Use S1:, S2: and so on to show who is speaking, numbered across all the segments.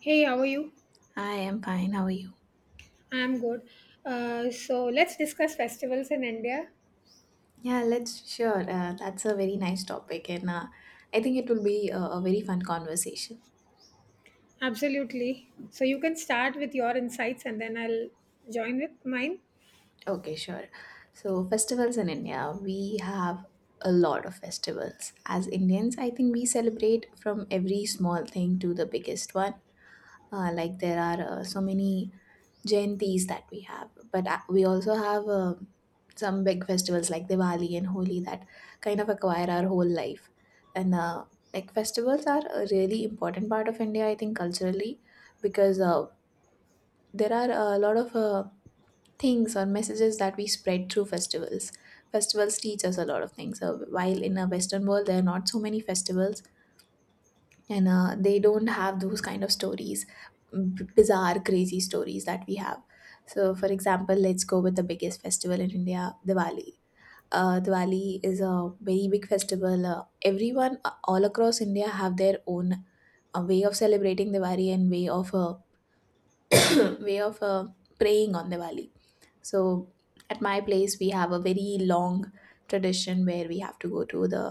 S1: Hey, how are you?
S2: I am fine. How are you?
S1: I'm good. So let's discuss festivals in India.
S2: Yeah, let's sure. That's a very nice topic, and I think it will be a very fun conversation.
S1: Absolutely. So you can start with your insights and then I'll join with mine.
S2: Okay, sure. So, festivals in India, we have a lot of festivals. As Indians, I think we celebrate from every small thing to the biggest one. Like there are so many jayantis that we have, but we also have some big festivals like Diwali and Holi that kind of acquire our whole life. And Like festivals are a really important part of India, I think, culturally, because there are a lot of things or messages that we spread through festivals. Festivals teach us a lot of things. So while in a western world there are not so many festivals, and they don't have those kind of stories, bizarre crazy stories that we have. So for example, let's go with the biggest festival in India: Diwali. Diwali is a very big festival. Everyone, all across India, have their own way of celebrating Diwali, and way of way of praying on Diwali. So at my place we have a very long tradition where we have to go to the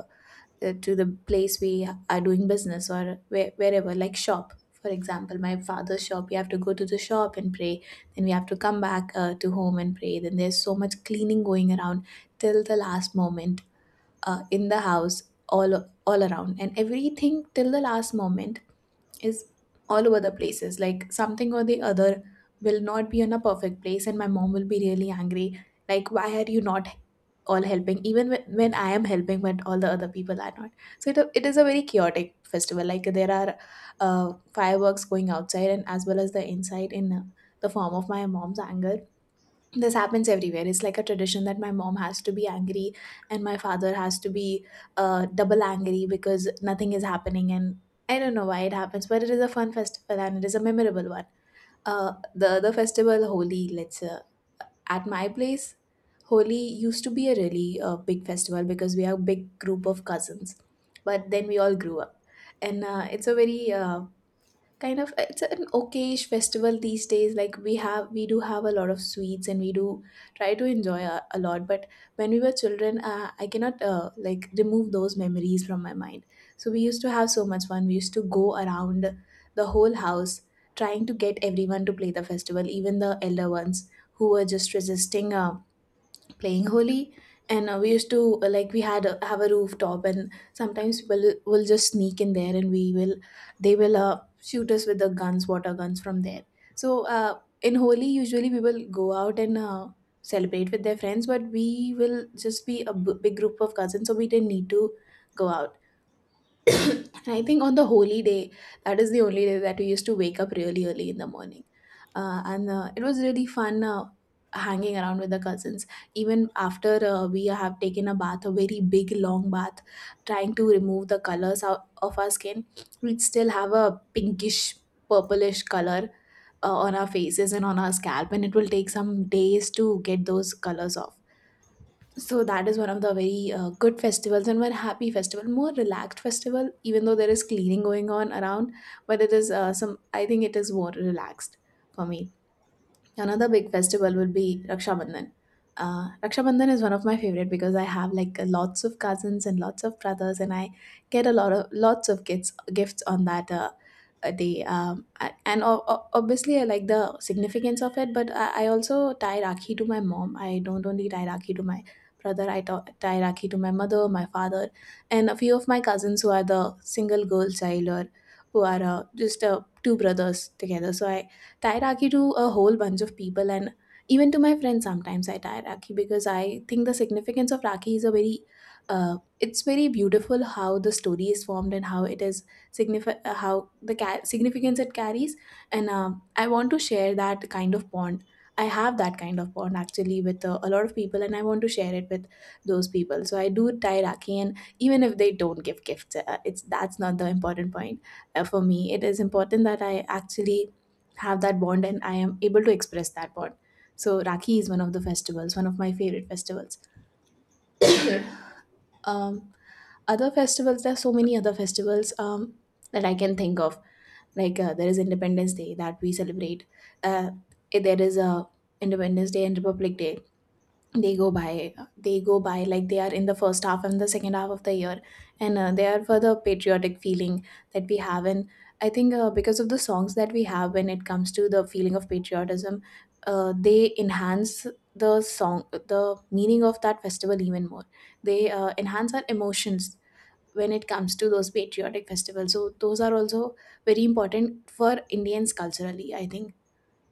S2: place we are doing business, or wherever, like shop, for example my father's shop, we have to go to the shop and pray. Then we have to come back to home and pray. Then there's so much cleaning going around till the last moment in the house, all around, and everything till the last moment is all over the places. Like something or the other will not be in a perfect place, and my mom will be really angry, like why are you not all helping, even when I am helping, but all the other people are not. So it is a very chaotic festival. Like there are fireworks going outside, and as well as the inside in the form of my mom's anger. This happens everywhere. It's like a tradition that my mom has to be angry, and my father has to be double angry because nothing is happening. And I don't know why it happens, but it is a fun festival and it is a memorable one. The festival Holi, let's at my place, Holi used to be a really big festival because we are a big group of cousins. But then we all grew up. And it's a very, kind of, it's an okayish festival these days. Like we do have a lot of sweets, and we do try to enjoy a lot. But when we were children, I cannot, like, remove those memories from my mind. So we used to have so much fun. We used to go around the whole house trying to get everyone to play the festival, even the elder ones, who were just resisting playing Holi. And We used to, like, have a rooftop, and sometimes we'll just sneak in there, and we will they will shoot us with the guns water guns from there. So in Holi, usually we will go out and celebrate with their friends. But we will just be a big group of cousins, so we didn't need to go out. I think on the holy day, that is the only day that we used to wake up really early in the morning. And it was really fun hanging around with the cousins. Even after we have taken a bath, a very big long bath, trying to remove the colors out of our skin, we'd still have a pinkish, purplish color on our faces and on our scalp. And it will take some days to get those colors off. So that is one of the very good festivals, and one happy festival, more relaxed festival, even though there is cleaning going on around. But it is, some I think it is more relaxed for me. Another big festival will be Raksha Bandhan. Raksha Bandhan is one of my favorite because I have, like, lots of cousins and lots of brothers, and I get a lot of lots of gifts on that day. And obviously, I like the significance of it, but I also tie Rakhi to my mom. I don't only tie Rakhi to my brother. I tie Rakhi to my mother, my father, and a few of my cousins who are the single girl child, or who are just two brothers together. So I Tairaki to a whole bunch of people, and even to my friends sometimes I tie Rakhi, because I think the significance of Rakhi is a very it's very beautiful, how the story is formed, and how the significance it carries. And I want to share that kind of bond. I have that kind of bond actually with a lot of people, and I want to share it with those people. So I do tie Rakhi, and even if they don't give gifts, it's that's not the important point for me. It is important that I actually have that bond and I am able to express that bond. So Rakhi is one of the festivals, one of my favorite festivals. Um, Other festivals, there are so many other festivals that I can think of. Like there is Independence Day that we celebrate. Uh, there is a Independence Day and Republic Day. They go by, like they are in the first half and the second half of the year, and they are for the patriotic feeling that we have. And I think because of the songs that we have, when it comes to the feeling of patriotism, they enhance the meaning of that festival even more. They enhance our emotions when it comes to those patriotic festivals. So those are also very important for Indians culturally, I think.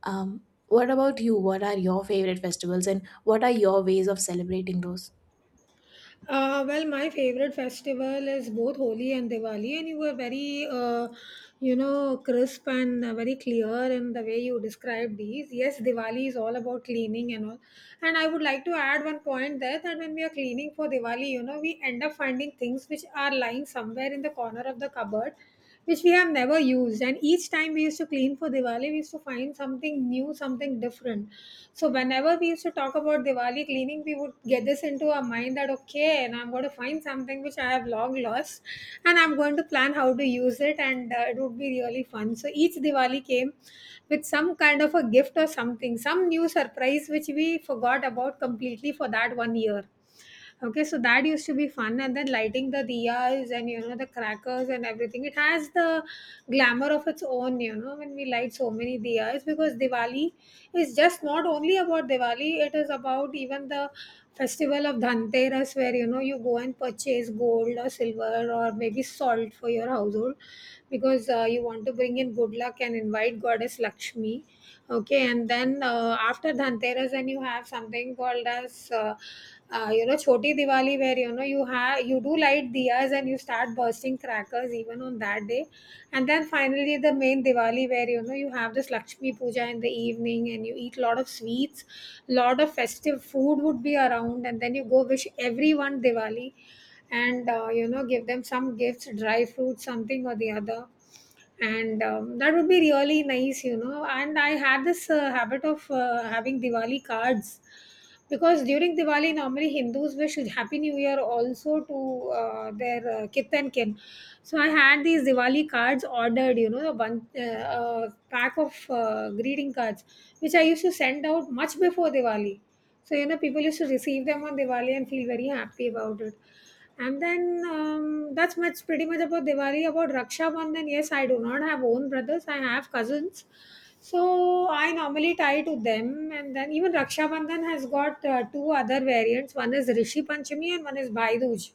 S2: um, what about you? What are your favorite festivals and what are your ways of celebrating those?
S1: Well, my favorite festival is both Holi and Diwali, and you were very, crisp and very clear in the way you described these. Yes, Diwali is all about cleaning and all. And I would like to add one point there that when we are cleaning for Diwali, we end up finding things which are lying somewhere in the corner of the cupboard which we have never used. And each time we used to clean for Diwali, we used to find something new, something different. So whenever we used to talk about Diwali cleaning, we would get this into our mind that okay, and I'm going to find something which I have long lost, and I'm going to plan how to use it, and it would be really fun. So each Diwali came with some kind of a gift or something, some new surprise which we forgot about completely for that one year. Okay, so that used to be fun, and then lighting the diyas and the crackers and everything. It has the glamour of its own, when we light so many diyas, because Diwali is just not only about Diwali; it is about even the festival of Dhanteras, where you go and purchase gold or silver or maybe salt for your household, because you want to bring in good luck and invite Goddess Lakshmi. Okay, and then, after Dhanteras, and you have something called as Choti Diwali, where, you do light diyas and you start bursting crackers even on that day. And then, finally, the main Diwali, where, you have this Lakshmi Puja in the evening and you eat lot of sweets, lot of festive food would be around, and then you go wish everyone Diwali, and give them some gifts, dry fruits, something or the other. And that would be really nice, and I had this habit of having Diwali cards, because during Diwali, normally Hindus wish happy new year also to their kith and kin. So I had these Diwali cards ordered, a bunch, a pack of greeting cards, which I used to send out much before Diwali, so people used to receive them on Diwali and feel very happy about it. And then, that's much pretty much about Diwali. About Raksha Bandhan, yes, I do not have own brothers. I have cousins, so I normally tie to them. And then even Raksha Bandhan has got two other variants. One is Rishi Panchami and one is Bhai Dooj.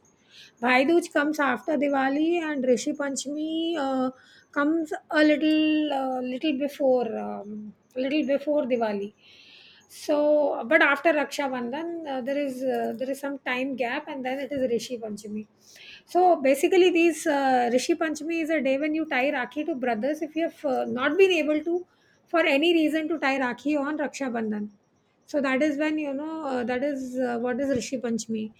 S1: Bhai Dooj comes after Diwali, and Rishi Panchami comes a little before Diwali. So, but after Raksha Bandhan, there is some time gap, and then it is Rishi Panchami. So basically, these Rishi Panchami is a day when you tie Rakhi to brothers if you have not been able to, for any reason, to tie Rakhi on Raksha Bandhan. So that is when, that is what is Rishi Panchami.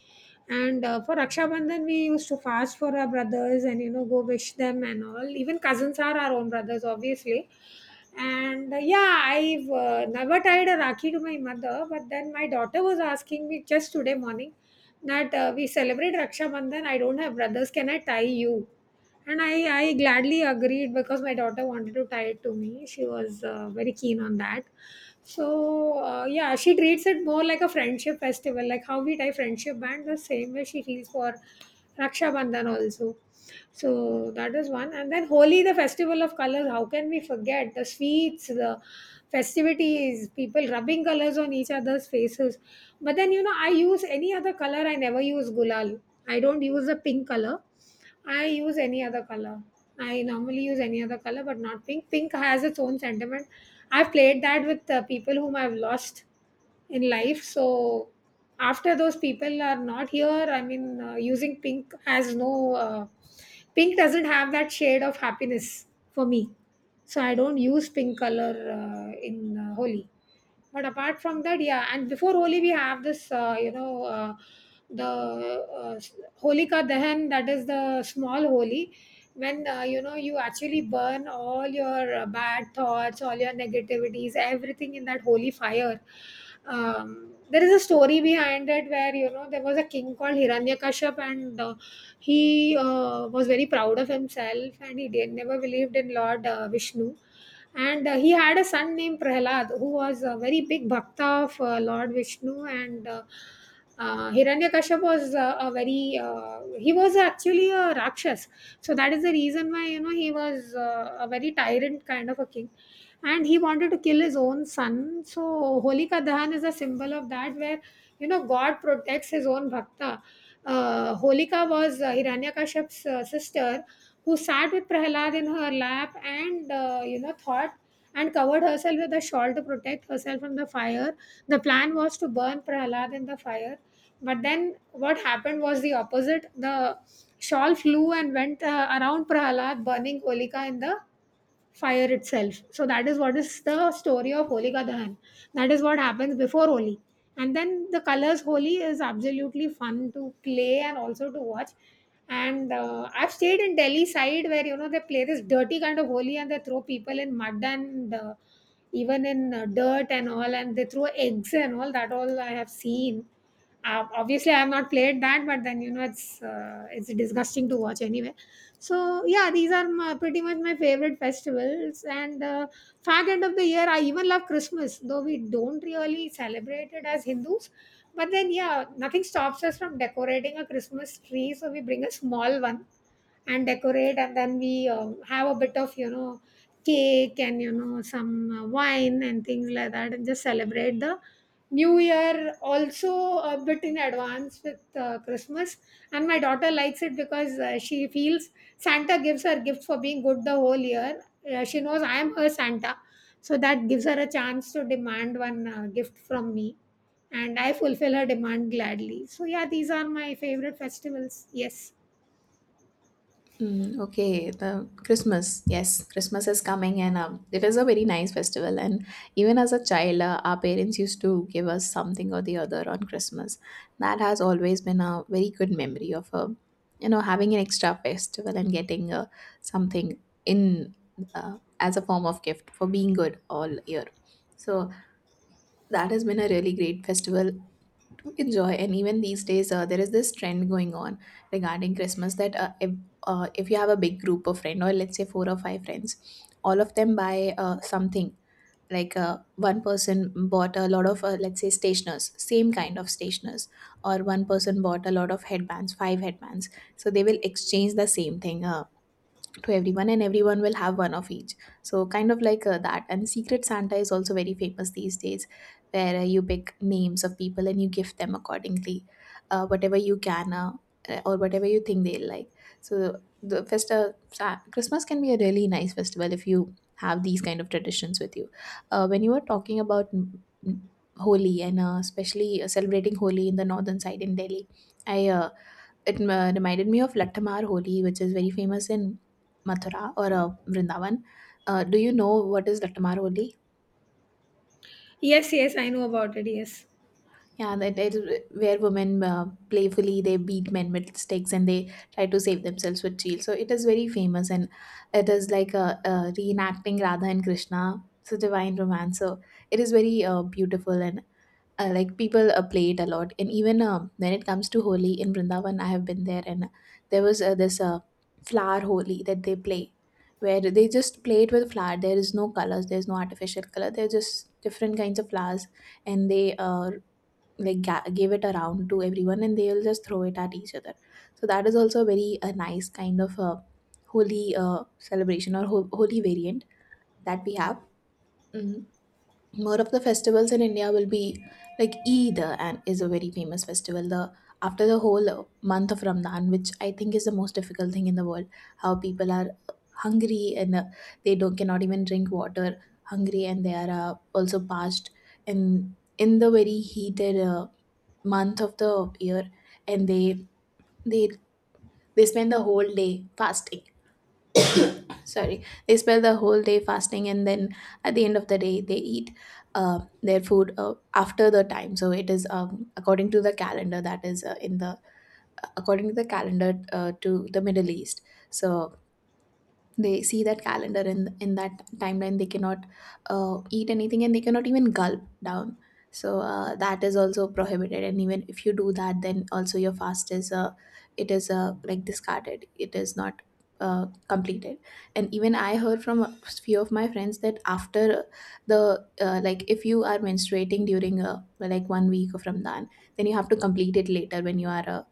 S1: And for Raksha Bandhan, we used to fast for our brothers and go wish them and all. Even cousins are our own brothers, obviously. And yeah, I've never tied a Rakhi to my mother, but then my daughter was asking me just today morning that we celebrate Raksha Bandhan. I don't have brothers. Can I tie you? And I gladly agreed because my daughter wanted to tie it to me. She was very keen on that. So, yeah, she treats it more like a friendship festival, like how we tie friendship band, the same way she feels for Raksha Bandhan also. So, that is one. And then Holi, the festival of colors, how can we forget the sweets, the festivities, people rubbing colors on each other's faces. But then, I use any other color, I never use gulal. I don't use the pink color, I use any other color. I normally use any other color, but not pink. Pink has its own sentiment. I've played that with people whom I've lost in life. So after those people are not here, I mean, using pink has no. Pink doesn't have that shade of happiness for me. So I don't use pink color in Holi. But apart from that, yeah, and before Holi, we have this, the uh, s- Holika Dahan, that is the small Holi, when, you actually burn all your bad thoughts, all your negativities, everything in that holy fire. There is a story behind it where, there was a king called Hiranyakashipu, and he was very proud of himself, and never believed in Lord Vishnu, and he had a son named Prahlad who was a very big bhakta of Lord Vishnu. And Hiranyakashipu was a very he was actually a Rakshas, so that is the reason why, he was a very tyrant kind of a king, and he wanted to kill his own son. So Holika Dahan is a symbol of that, where, God protects his own bhakta. Holika was Hiranyakaship's sister, who sat with Prahlad in her lap and, thought and covered herself with a shawl to protect herself from the fire. The plan was to burn Prahlad in the fire. But then what happened was the opposite. The shawl flew and went around Prahlad, burning Olika in the fire itself. So that is what is the story of Holika Dahan. That is what happens before Holi. And then the colors Holi is absolutely fun to play and also to watch. And I've stayed in Delhi side, where, they play this dirty kind of Holi, and they throw people in mud, and even in dirt and all, and they throw eggs and all that, all I have seen. Obviously, I have not played that, but then, it's disgusting to watch anyway. So yeah, these are my, pretty much my favorite festivals, and fag end of the year, I even love Christmas, though we don't really celebrate it as Hindus. But then, yeah, nothing stops us from decorating a Christmas tree. So we bring a small one and decorate, and then we have a bit of, cake, and some wine and things like that, and just celebrate the New Year also a bit in advance with Christmas, and my daughter likes it because she feels Santa gives her gifts for being good the whole year. She knows I am her Santa, so that gives her a chance to demand one gift from me, and I fulfill her demand gladly. So yeah, these are my favorite festivals. Yes,
S2: Mm, okay, the Christmas. Yes, Christmas is coming, and it is a very nice festival. And even as a child, our parents used to give us something or the other on Christmas. That has always been a very good memory of, having an extra festival and getting something in, as a form of gift for being good all year. So that has been a really great festival to enjoy. And even these days there is this trend going on regarding Christmas that, if you have a big group of friends, or let's say four or five friends, all of them buy something. Like one person bought a lot of, let's say, stationers, same kind of stationers. Or one person bought a lot of headbands, five headbands. So they will exchange the same thing to everyone, and everyone will have one of each. So kind of like that. And Secret Santa is also very famous these days, where you pick names of people and you gift them accordingly, whatever you can, or whatever you think they'll like. So the Christmas can be a really nice festival if you have these kind of traditions with you. When you were talking about, mm, Holi, and especially celebrating Holi in the northern side in Delhi, I it reminded me of Lattamar Holi, which is very famous in Mathura or Vrindavan. Do you know what is Lattamar Holi?
S1: yes, yes, I know about it. Yes.
S2: Yeah, that it, where women playfully they beat men with sticks and they try to save themselves with shields. So it is very famous, and it is like a reenacting Radha and Krishna, so divine romance. So it is very beautiful, and like people play it a lot. And even when it comes to Holi in Vrindavan, I have been there, and there was this flower Holi that they play, where they just play it with flower. There is no colors, there's no artificial color, they're just different kinds of flowers. And they, like, give it around to everyone, and they'll just throw it at each other. So that is also a nice kind of Holi celebration, or holy variant that we have. Mhm. More of the festivals in India will be like Eid, and is a very famous festival. The after the whole month of Ramadan, which I think is the most difficult thing in the world, how people are hungry and they don't cannot even drink water, hungry and they are also parched in the very heated month of the year, and they they spend the whole day fasting sorry they spend the whole day fasting and then at the end of the day they eat their food after the time. So it is according to the calendar, that is in the according to the calendar to the Middle East. So they see that calendar, and in that timeline they cannot eat anything, and they cannot even gulp down. So that is also prohibited, and even if you do that, then also your fast is it is like discarded, it is not completed. And even I heard from a few of my friends that after the like if you are menstruating during a like 1 week of Ramadan, then you have to complete it later when you are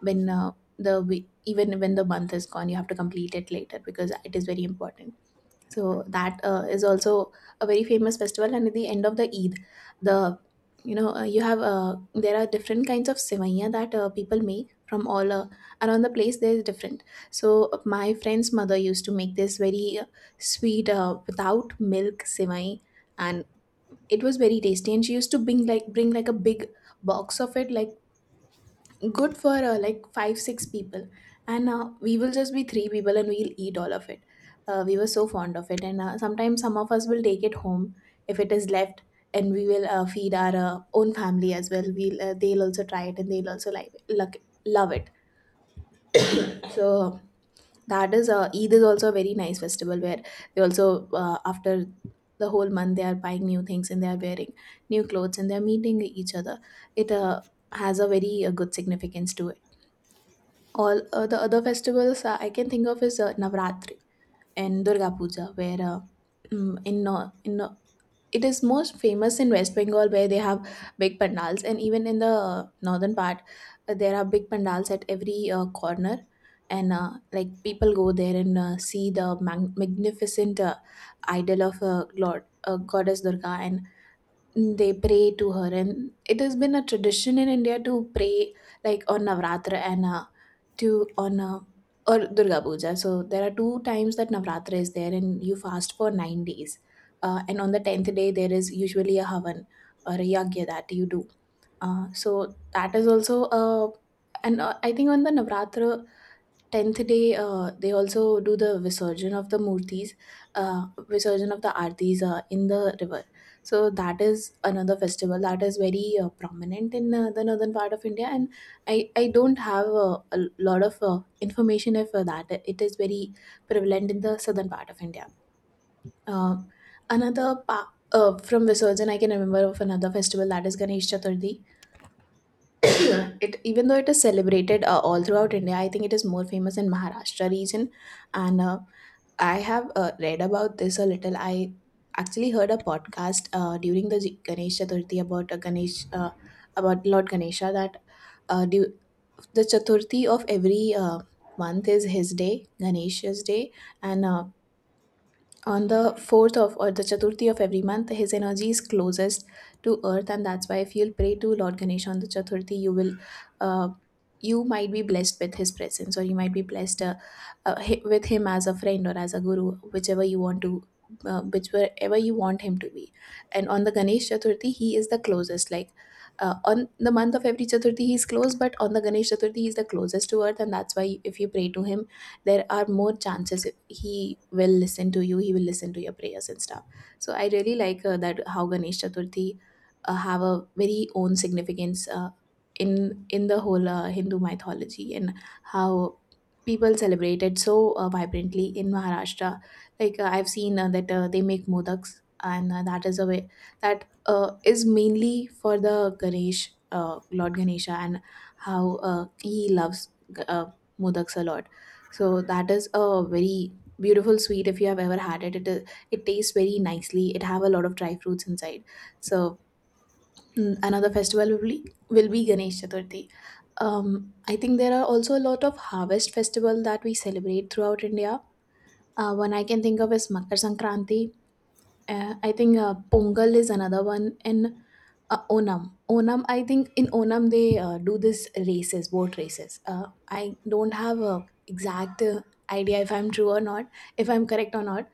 S2: when uh, even when the month is gone, you have to complete it later because it is very important. So that is also a very famous festival. And at the end of the Eid, the you know you have there are different kinds of sevaiya that people make from all around the place, there is different. So my friend's mother used to make this very sweet without milk sevai, and it was very tasty. And she used to bring like a big box of it, like good for like 5 6 people, and we will just be three people and we'll eat all of it. We were so fond of it, and sometimes some of us will take it home if it is left, and we will feed our own family as well. We'll they'll also try it, and they'll also love it. So that is Eid is also a very nice festival, where they also after the whole month they are buying new things and they are wearing new clothes and they're meeting each other. It has a very good significance to it. All the other festivals I can think of is Navratri and Durga Puja, where mm, in it is most famous in West Bengal, where they have big pandals, and even in the northern part, there are big pandals at every corner. And like people go there and see the magnificent idol of Lord Goddess Durga, and they pray to her. And it has been a tradition in India to pray like on Navratra, and to on or Durga Puja. So there are two times that Navratra is there, and you fast for 9 days, and on the 10th day there is usually a havan or a yagya that you do. So that is also and I think on the Navratra tenth day they also do the visurgin of the murtis, visurgin of the artis in the river. So that is another festival that is very prominent in the northern part of India, and I don't have a lot of information if that it is very prevalent in the southern part of India. Um from Visurgin, I can remember of another festival that is Ganesh Chaturthi. It, even though it is celebrated all throughout India, I think it is more famous in Maharashtra region. And I have read about this a little. I actually heard a podcast during the Ganesh Chaturthi about a ganesh about Lord Ganesha, that uh, du- the Chaturthi of every month is his day, Ganesh's day. And on the fourth of or the Chaturthi of every month, his energy is closest to earth, and that's why if you'll pray to Lord Ganesha on the Chaturthi, you will, uh, you might be blessed with his presence, or you might be blessed with him as a friend or as a guru, whichever you want to, whichever you want him to be. And on the Ganesh Chaturthi, he is the closest. Like on the month of every Chaturthi, he is close, but on the Ganesh Chaturthi, he is the closest to earth, and that's why if you pray to him, there are more chances if he will listen to you, he will listen to your prayers and stuff. So I really like that, how Ganesh Chaturthi have a very own significance in in the whole Hindu mythology, and how people celebrate it so vibrantly in Maharashtra. Like I've seen that they make modaks, and that is a way that is mainly for the Ganesh, Lord Ganesha, and how he loves uh, modaks a lot. So that is a very beautiful sweet if you have ever had it. It is, it tastes very nicely. It have a lot of dry fruits inside. So another festival will be Ganesh Chaturthi. I think there are also a lot of harvest festival that we celebrate throughout India. One I can think of is Makar Sankranti, I think Pongal is another one, and Onam. Onam, I think in Onam they do this races, boat races. I don't have a exact idea if I'm true or not, if I'm correct or not.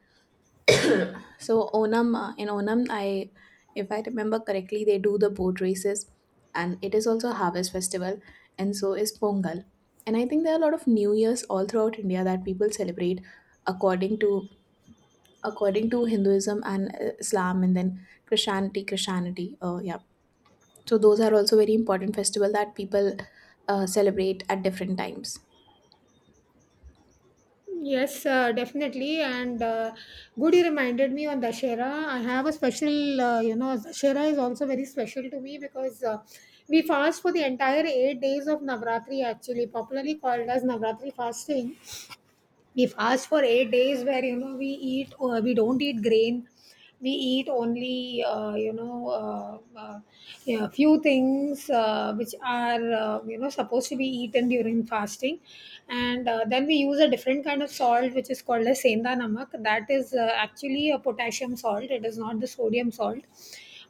S2: So Onam, in Onam, I, if I remember correctly, they do the boat races, and it is also a harvest festival, and so is Pongal. And I think there are a lot of New Years all throughout India that people celebrate according to according to Hinduism and Islam, and then Christianity. Yeah. So those are also very important festival that people celebrate at different times.
S1: Yes, definitely. And good, you reminded me on Dashera. I have a special, you know, Dashera is also very special to me, because we fast for the entire 8 days of Navratri, actually, popularly called as Navratri fasting. We've asked for 8 days where, we don't eat grain. We eat only, yeah, few things which are supposed to be eaten during fasting. And then we use a different kind of salt, which is called a senda namak, that is actually a potassium salt, it is not the sodium salt.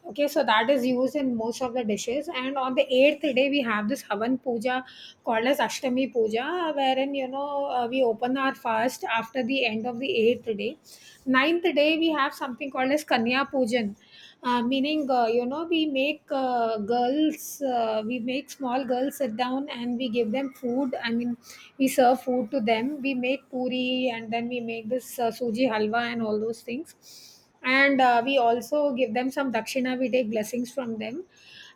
S1: Okay, so that is used in most of the dishes. And on the eighth day, we have this Havan Puja called as Ashtami Puja, wherein, we open our fast after the end of the eighth day. Ninth day, we have something called as Kanya Pujan. Meaning, we make small girls sit down and we give them food. I mean, we serve food to them. We make puri and then we make this suji halwa and all those things and we also give them some dakshina. We take blessings from them.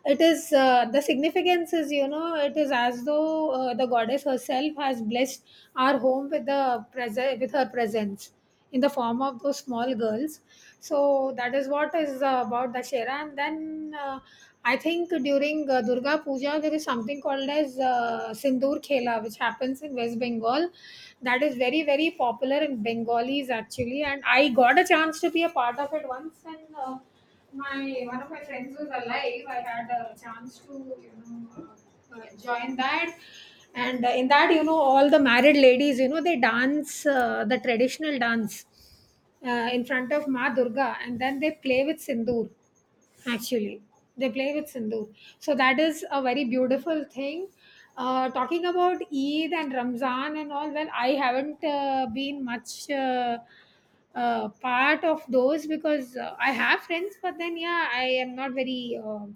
S1: It is the significance is, you know, it is as though the goddess herself has blessed our home with the present, with her presence, in the form of those small girls. So that is what is about Dashera. And then I think during Durga Puja there is something called as sindoor khela which happens in West Bengal. That is very very popular in Bengalis, actually, and I got a chance to be a part of it once. And my, one of my friends was alive. I had a chance to, join that, and in that, you know, all the married ladies, you know, they dance the traditional dance in front of Ma Durga, and then they play with sindoor actually. They play with sindoor. So that is a very beautiful thing. Uh, talking about Eid and Ramzan and all, well, I haven't been much part of those because I have friends, but then, yeah, I am not very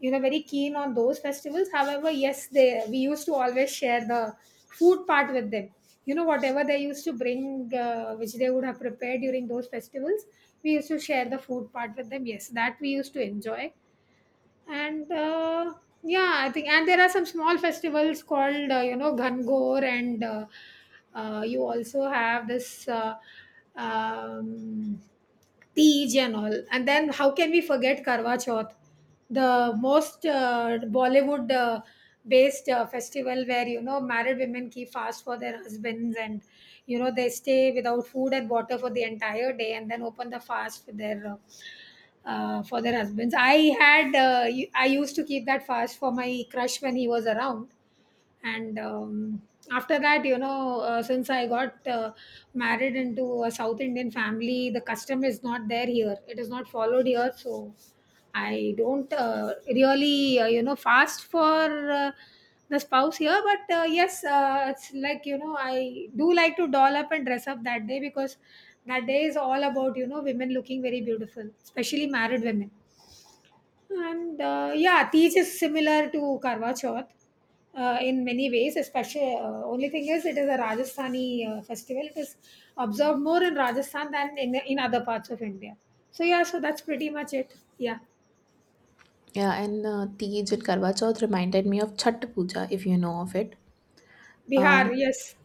S1: you know, very keen on those festivals. However, yes, they, we used to always share the food part with them. You know, whatever they used to bring which they would have prepared during those festivals, we used to share the food part with them. Yes, that we used to enjoy. And yeah, I think, and there are some small festivals called you know, gangor and you also have this um, Tej and all. And then how can we forget karwa chauth, the most Bollywood based festival where, you know, married women keep fast for their husbands, and you know, they stay without food and water for the entire day and then open the fast with their for their husbands. I had I used to keep that fast for my crush when he was around, and after that, you know, since I got married into a South Indian family, the custom is not there, here it is not followed here, so I don't really you know, fast for the spouse here. But yes, it's like, you know, I do like to doll up and dress up that day because that day is all about, you know, women looking very beautiful, especially married women. And yeah, Tej is similar to Karwa Chauth in many ways. Especially, only thing is, it is a Rajasthani festival. It is observed more in Rajasthan than in other parts of India. So yeah, so that's pretty much it. Yeah,
S2: Yeah, and Tej and Karwa Chauth reminded me of Chhat Puja, if you know of it.
S1: Bihar. Yes,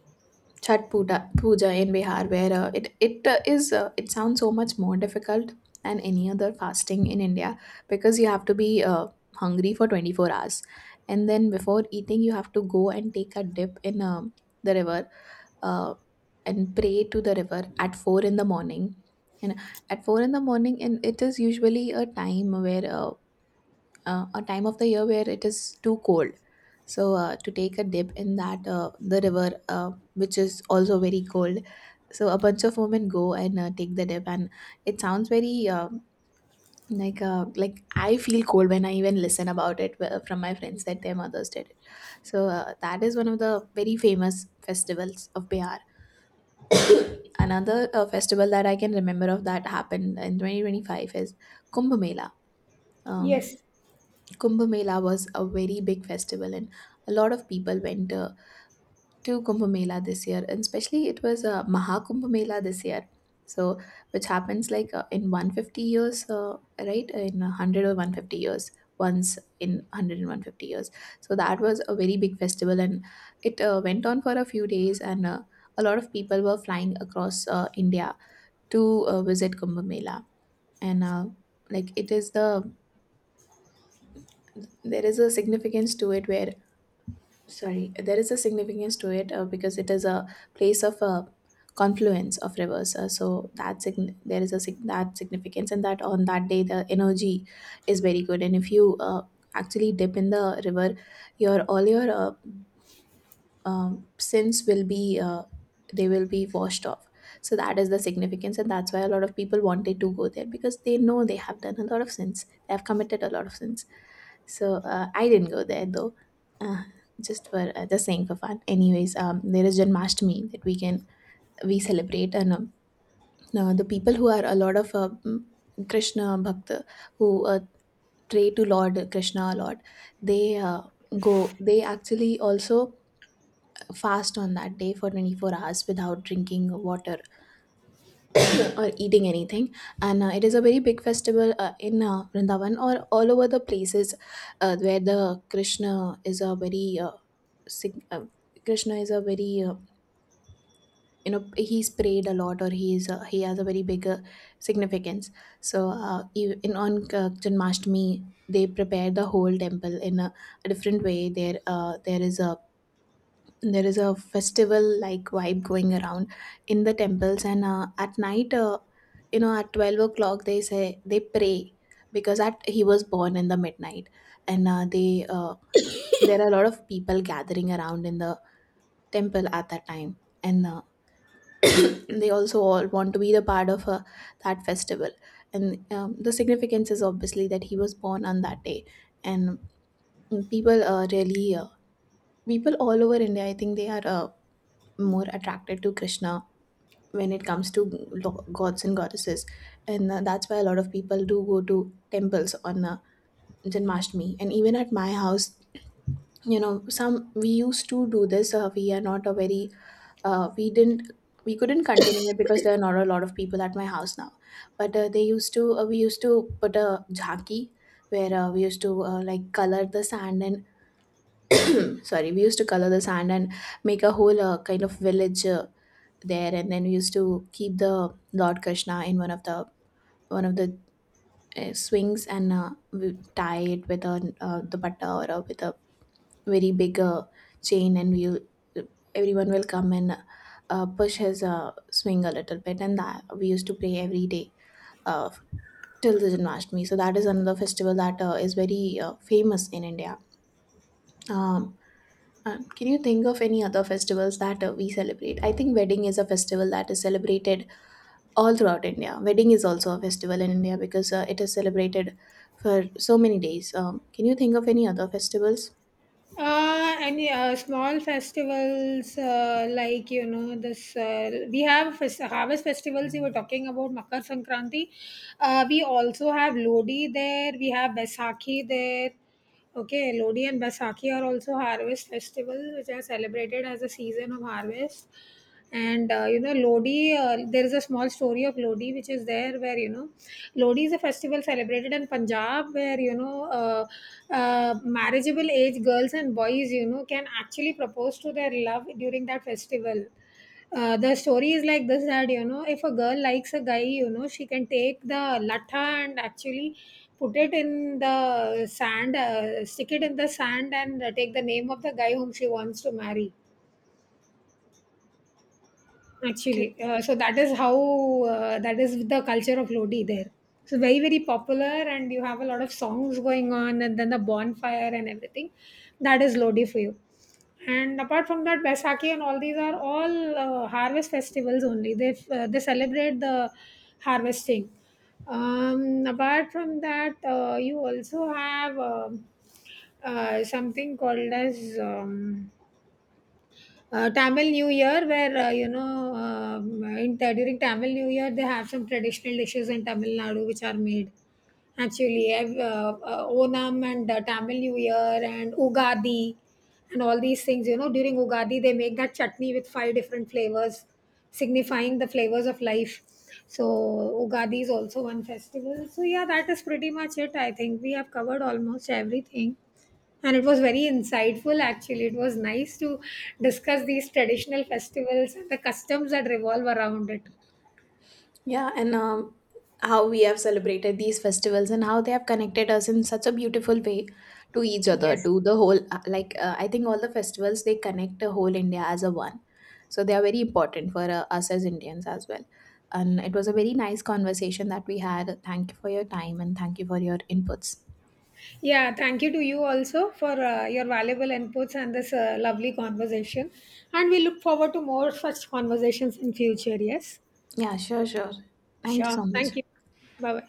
S2: Puja in Bihar, where it it is it sounds so much more difficult than any other fasting in India, because you have to be hungry for 24 hours, and then before eating you have to go and take a dip in the river, uh, and pray to the river at 4 in the morning, and at 4 in the morning and it is usually a time where a time of the year where it is too cold. So to take a dip in that the river, which is also very cold, so a bunch of women go and take the dip. And it sounds very like I feel cold when I even listen about it from my friends that their mothers did it. So that is one of the very famous festivals of Bihar. Another festival that I can remember of that happened in 2025 is Kumbh Mela. Um,
S1: yes.
S2: Kumbh Mela was a very big festival, and a lot of people went to Kumbh Mela this year, and especially it was Maha Kumbh Mela this year. So, which happens like in 150 years, right? In 100 or 150 years, once in 100 and 150 years. So, that was a very big festival, and it went on for a few days, and a lot of people were flying across India to visit Kumbh Mela. And like it is the there is a significance to it where sorry there is a significance to it because it is a place of a confluence of rivers. So that sign there is a sig- that significance, and that on that day the energy is very good. And if you actually dip in the river, your all your sins will be they will be washed off. So that is the significance, and that's why a lot of people wanted to go there, because they know they have done a lot of sins, they have committed a lot of sins. So I didn't go there though, uh, just for just saying for fun. Anyways, there is Janmashtami that we celebrate. And the people who are a lot of Krishna bhakta, who pray to Lord Krishna a lot, they go they actually also fast on that day for 24 hours without drinking water or eating anything. And it is a very big festival in Vrindavan or all over the places, where the Krishna is a very sig- uh, Krishna is a very you know, he's prayed a lot, or he is he has a very big significance. So ev- in on Janmashtami, they prepare the whole temple in a different way. There there is a festival like vibe going around in the temples. And at night, you know, at 12 o'clock they say they pray, because at he was born in the midnight. And they there are a lot of people gathering around in the temple at that time. And they also all want to be the part of that festival. And the significance is obviously that he was born on that day. And people really people all over India, I think they are more attracted to Krishna when it comes to gods and goddesses. And that's why a lot of people do go to temples on Janmashtami. And even at my house, you know, some we used to do this, we are not a very uh, we didn't we couldn't continue it because there are not a lot of people at my house now. But they used to we used to put a jhaki, where we used to like color the sand and sorry we used to color the sand and make a whole kind of village there. And then we used to keep the Lord Krishna in one of the one of the swings, and we tie it with a the patta or with a very big chain, and we everyone will come and push his swing a little bit. And that we used to play every day uh, till the Janmashtami. So that is another festival that is very famous in India. Um, can you think of any other festivals that we celebrate? I think wedding is a festival that is celebrated all throughout India. Wedding is also a festival in India because it is celebrated for so many days. Can you think of any other festivals?
S1: Any small festivals, like, you know, this we have harvest festivals, you were talking about Makar Sankranti. We also have Lodi there. We have Baisakhi there. Okay, Lodi and Baisakhi are also harvest festivals which are celebrated as a season of harvest. And you know, lodi there is a small story of lodi which is there, where you know, lodi is a festival celebrated in Punjab, where, you know, uh, marriageable age girls and boys, you know, can actually propose to their love during that festival. Uh, the story is like this, that, you know, if a girl likes a guy, you know, she can take the latha and actually put it in the sand, stick it in the sand, and take the name of the guy whom she wants to marry
S2: Okay.
S1: actually. So that is how that is the culture of Lodi there. So very very popular, and you have a lot of songs going on, and then the bonfire and everything. That is Lodi for you. And apart from that, Baisakhi and all these are all harvest festivals only. They celebrate the harvesting. Apart from that, you also have something called as Tamil New Year, where, you know, during Tamil New Year, they have some traditional dishes in Tamil Nadu which are made. Actually, I've, Onam and Tamil New Year and Ugadi and all these things. You know, during Ugadi, they make that chutney with five different flavors, signifying the flavors of life. So, Ugadi is also one festival. So, yeah, that is pretty much it. I think we have covered almost everything, and it was very insightful. Actually, it was nice to discuss these traditional festivals and the customs that revolve around it.
S2: Yeah, and how we have celebrated these festivals and how they have connected us in such a beautiful way to each other,
S1: Yes,
S2: to the whole. Like I think all the festivals, they connect the whole India as a one, so they are very important for us as Indians as well. And it was a very nice conversation that we had. Thank you for your time and thank you for your inputs.
S1: yeah, thank you to you also for your valuable inputs and this lovely conversation, and we look forward to more such conversations in future. Yes,
S2: Yeah, sure. Thank you
S1: sure,
S2: so much.
S1: thank you. Bye bye.